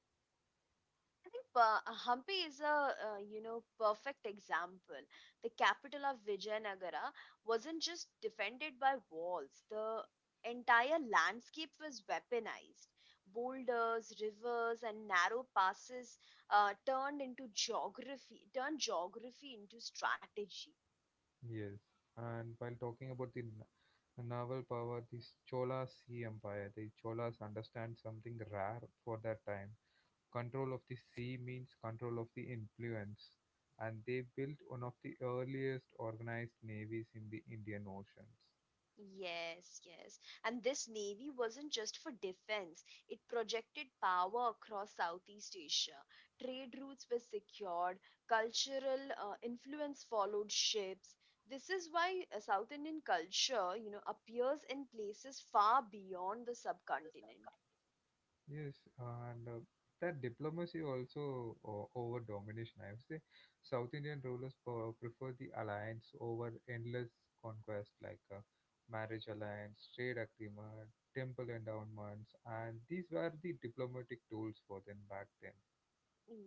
[SPEAKER 2] I think Hampi is a, you know, perfect example. The capital of Vijayanagara wasn't just defended by walls. The entire landscape was weaponized. Boulders, rivers, and narrow passes turned into geography, turned geography into strategy.
[SPEAKER 1] Yes, and while talking about the naval power, the Chola Sea Empire, the Cholas understand something rare for that time. Control of the sea means control of the influence, and they built one of the earliest organized navies in the Indian Oceans.
[SPEAKER 2] Yes, yes. And this navy wasn't just for defense, it projected power across Southeast Asia. Trade routes were secured, cultural influence followed ships. This is why South Indian culture, you know, appears in places far beyond the subcontinent.
[SPEAKER 1] Yes, and that diplomacy also over domination. I would say South Indian rulers prefer the alliance over endless conquest like marriage alliance, trade agreement, temple endowments, and these were the diplomatic tools for them back then.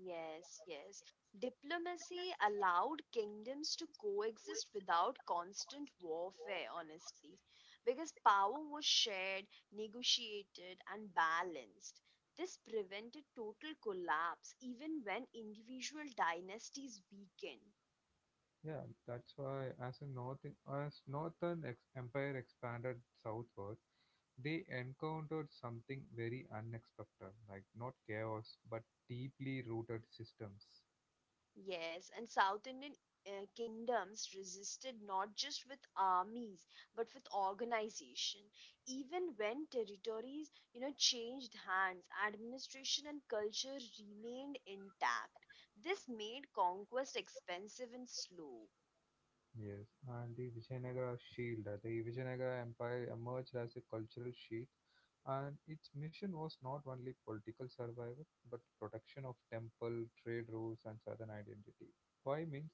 [SPEAKER 2] Yes, yes. Diplomacy allowed kingdoms to coexist without constant warfare, honestly, because power was shared, negotiated, and balanced. This prevented total collapse even when individual dynasties weakened.
[SPEAKER 1] Yeah, that's why as a North as Northern Empire expanded southward, they encountered something very unexpected, like not chaos but deeply rooted systems.
[SPEAKER 2] Yes, and South Indian kingdoms resisted not just with armies but with organization. Even when territories, you know, changed hands, administration and culture remained intact. This made conquest expensive and slow.
[SPEAKER 1] Yes, and the Vijayanagara shield. The Vijayanagara Empire emerged as a cultural sheath, and its mission was not only political survival but protection of temple, trade routes, and southern identity. Why means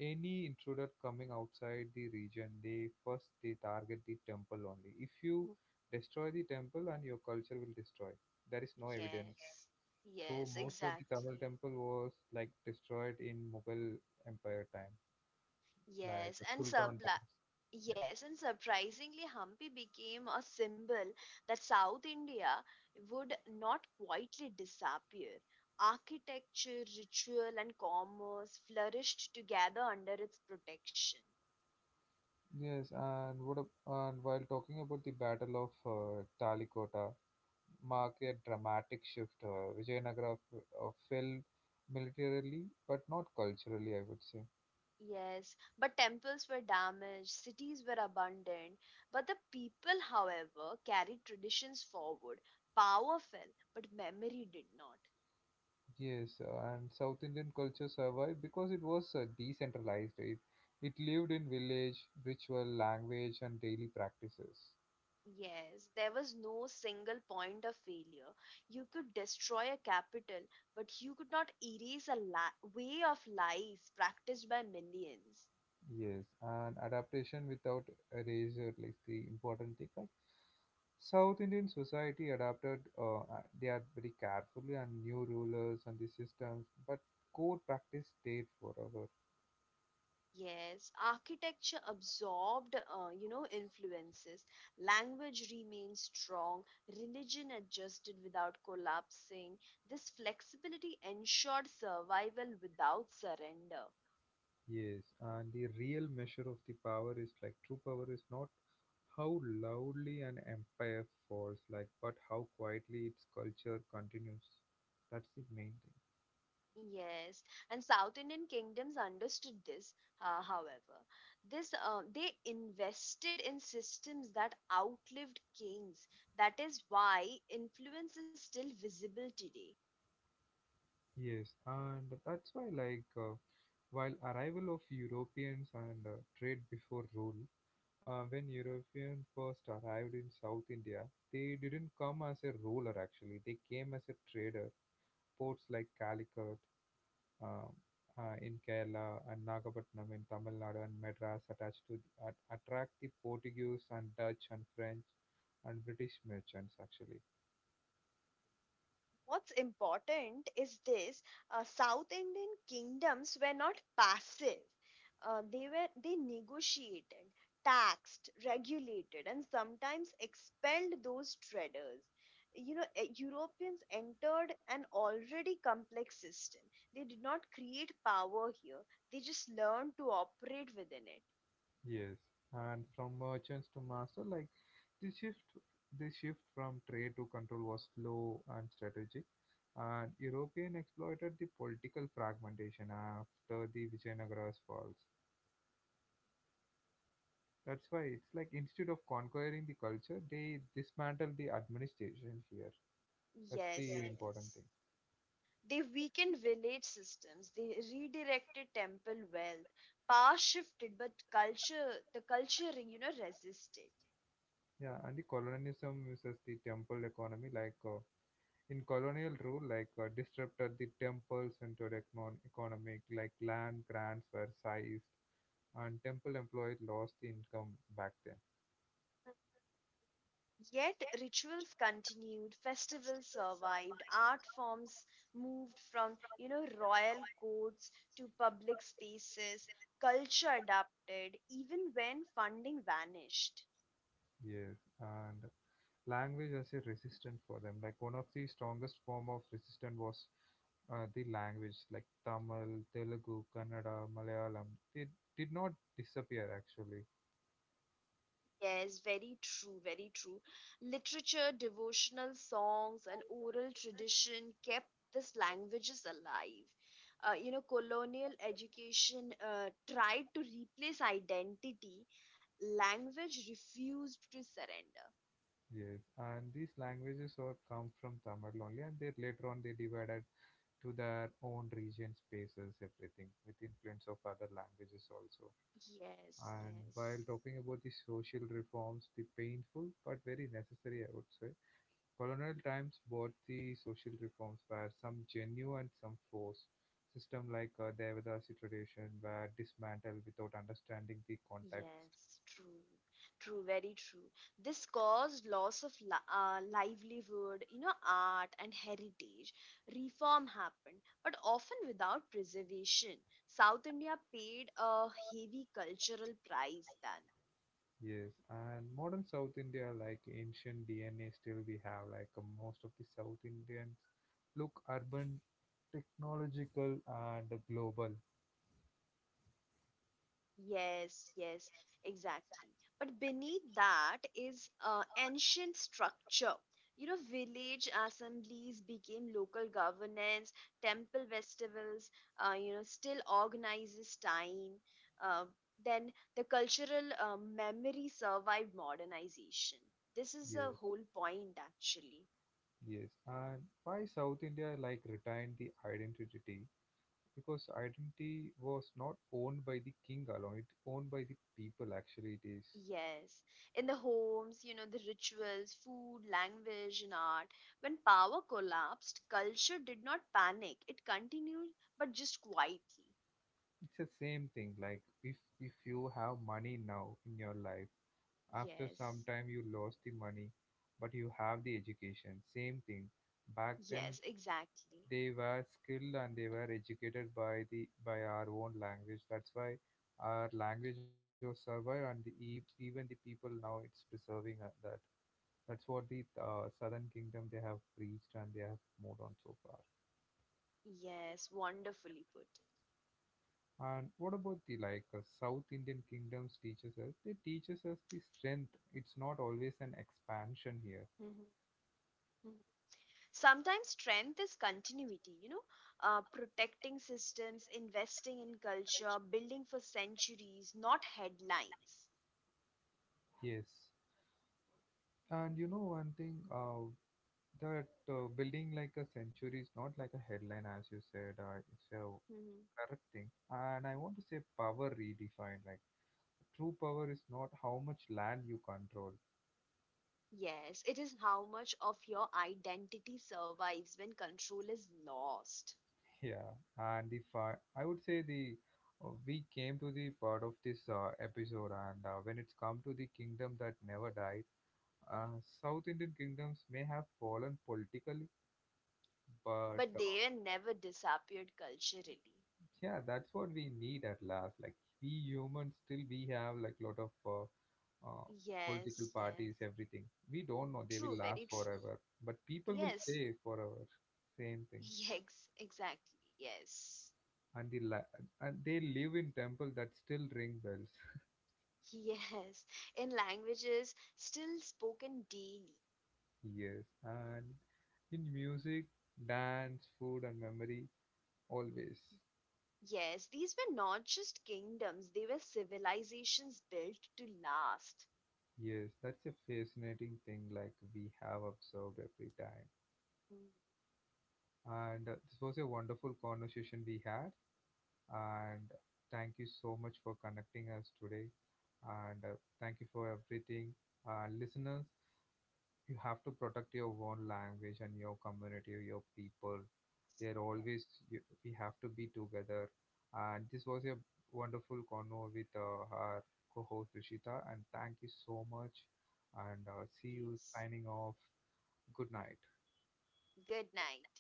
[SPEAKER 1] any intruder coming outside the region, they first they target the temple only. If you
[SPEAKER 2] Mhm.
[SPEAKER 1] destroy the temple, and your culture will destroy. There is no evidence.
[SPEAKER 2] Yes,
[SPEAKER 1] So
[SPEAKER 2] yes,
[SPEAKER 1] most of the Tamil
[SPEAKER 2] exactly.
[SPEAKER 1] temple was like destroyed in Mughal Empire time like
[SPEAKER 2] Yes,
[SPEAKER 1] the
[SPEAKER 2] and
[SPEAKER 1] Sultan
[SPEAKER 2] surpli
[SPEAKER 1] times. Yeah.
[SPEAKER 2] yes, and surprisingly, Hampi became a symbol that South India would not quietly disappear. Architecture, ritual, and commerce flourished together under its protection.
[SPEAKER 1] Yes, and while talking about the Battle of Talikota, marked a dramatic shift. Vijayanagara fell militarily, but not culturally, I would say.
[SPEAKER 2] Yes, but temples were damaged, cities were abandoned, but the people, however, carried traditions forward. Power fell, but memory did not.
[SPEAKER 1] Yes, and South Indian culture survived because it was decentralized. It lived in village, ritual, language, and daily practices.
[SPEAKER 2] Yes, there was no single point of failure. You could destroy a capital, but you could not erase a way of life practiced by millions.
[SPEAKER 1] Yes, and adaptation without erasure, like the important thing. Like South Indian society adapted, they are very carefully and new rulers and the systems, but core practice stayed forever.
[SPEAKER 2] Yes, architecture absorbed, you know, influences. Language remained strong. Religion adjusted without collapsing. This flexibility ensured survival without surrender.
[SPEAKER 1] Yes, and the real measure of the power is like true power is not how loudly an empire falls, like but how quietly its culture continues. That's the main thing.
[SPEAKER 2] Yes, and South Indian kingdoms understood this, however. This they invested in systems that outlived kings. That is why influence is still visible today.
[SPEAKER 1] Yes, and that's why like. While arrival of Europeans and trade before rule, when Europeans first arrived in South India, they didn't come as a ruler actually. They came as a trader. Ports like Calicut um, in Kerala and Nagapattinam in Tamil Nadu and Madras attached to attract the Portuguese and Dutch and French and British merchants actually.
[SPEAKER 2] What's important is this, South Indian kingdoms were not passive. They negotiated, taxed, regulated, and sometimes expelled those traders. You know, Europeans entered an already complex system. They did not create power here. They just learned to operate within it.
[SPEAKER 1] Yes. And from merchants to master, like The shift, the shift from trade to control was slow and strategic, and European exploited the political fragmentation after the Vijayanagara's falls. That's why it's like instead of conquering the culture, they dismantled the administration here. That's the
[SPEAKER 2] Yes,
[SPEAKER 1] important
[SPEAKER 2] yes.
[SPEAKER 1] thing.
[SPEAKER 2] They weakened village systems. They redirected temple wealth. Power shifted, but culture, you know, resisted.
[SPEAKER 1] Yeah, and the colonialism uses the temple economy like in colonial rule, like disrupted the temple-centered economic, like land grants were seized and temple employed lost the income back then.
[SPEAKER 2] Yet rituals continued, festivals survived, art forms moved from, you know, royal courts to public spaces. Culture adapted, even when funding vanished.
[SPEAKER 1] Yes, and language was a resistant for them. Like one of the strongest form of resistance was the language, like Tamil, Telugu, Kannada, Malayalam. They did not disappear actually.
[SPEAKER 2] Yes, very true, very true. Literature, devotional songs, and oral tradition kept these languages alive. You know, colonial education tried to replace identity. Language refused to surrender.
[SPEAKER 1] Yes, and these languages all come from Tamil only, and they later on they divided to their own region spaces, everything with influence of other languages also.
[SPEAKER 2] Yes,
[SPEAKER 1] And while
[SPEAKER 2] yes.
[SPEAKER 1] talking about the social reforms, the painful but very necessary, I would say, colonial times brought the social reforms where some genuine and some forced. System like Devadasi tradition were dismantled without understanding the context.
[SPEAKER 2] Yes, true, true, very true. This caused loss of livelihood, you know, art and heritage. Reform happened, but often without preservation. South India paid a heavy cultural price then.
[SPEAKER 1] Yes, and modern South India, like ancient DNA, still we have like most of the South Indians look urban, technological, and global.
[SPEAKER 2] Yes, yes, exactly. But beneath that is ancient structure. You know, village assemblies became local governance, temple festivals, you know, still organizes time. Uh, then the cultural memory survived modernization. This is a
[SPEAKER 1] Yes.
[SPEAKER 2] whole point, actually.
[SPEAKER 1] Yes, and why South India like retained the identity? Because identity was not owned by the king alone; it owned by the people. Actually, it is.
[SPEAKER 2] Yes, in the homes, you know, the rituals, food, language, and art. When power collapsed, culture did not panic. It continued, but just quietly.
[SPEAKER 1] It's the same thing. Like if you have money now in your life, after some
[SPEAKER 2] Yes,
[SPEAKER 1] time you lost the money, but you have the education. Same thing. Back then,
[SPEAKER 2] yes, exactly.
[SPEAKER 1] they were skilled and they were educated by the by our own language. That's why our language was survived, and even the people now it's preserving that. That's what the Southern Kingdom they have preached and they have moved on so far.
[SPEAKER 2] Yes, wonderfully put.
[SPEAKER 1] And what about the like South Indian kingdoms teaches us? They teaches us the strength. It's not always an expansion here.
[SPEAKER 2] Mhm, mhm. Sometimes strength is continuity, you know, protecting systems, investing in culture, building for centuries, not headlines.
[SPEAKER 1] Yes, and you know one thing, that building like a century is not like a headline, as you said. It's a correct thing. And I want to say power redefined. Like true power is not how much land you control.
[SPEAKER 2] Yes, it is how much of your identity survives when control is lost.
[SPEAKER 1] Yeah, and if I would say the we came to the part of this episode, and when it's come to the kingdom that never died, South Indian kingdoms may have fallen politically, but
[SPEAKER 2] But they never disappeared culturally.
[SPEAKER 1] yeah, that's what we need at last, like we humans still we have like lot of uh, political
[SPEAKER 2] Yes, yes.
[SPEAKER 1] parties everything, we don't know they
[SPEAKER 2] True,
[SPEAKER 1] will
[SPEAKER 2] very
[SPEAKER 1] last
[SPEAKER 2] true.
[SPEAKER 1] forever, but people will
[SPEAKER 2] Yes,
[SPEAKER 1] stay forever. Same thing.
[SPEAKER 2] yes, exactly. Yes,
[SPEAKER 1] And they live in temple that still ring bells.
[SPEAKER 2] yes. In languages still spoken daily.
[SPEAKER 1] Yes, and in music, dance, food, and memory always.
[SPEAKER 2] Yes, these were not just kingdoms, they were civilizations built to last.
[SPEAKER 1] Yes, that's a fascinating thing like we have observed every time.
[SPEAKER 2] Mm,
[SPEAKER 1] And this was a wonderful conversation we had, and thank you so much for connecting us today. And thank you for everything. Listeners, you have to protect your own language and your community, your people.
[SPEAKER 2] yes,
[SPEAKER 1] They're
[SPEAKER 2] yes.
[SPEAKER 1] always, we have to be together. And this was a wonderful convo with our co host Rishita. And thank you so much. And see you
[SPEAKER 2] Yes.
[SPEAKER 1] signing off. Good night.
[SPEAKER 2] Good night.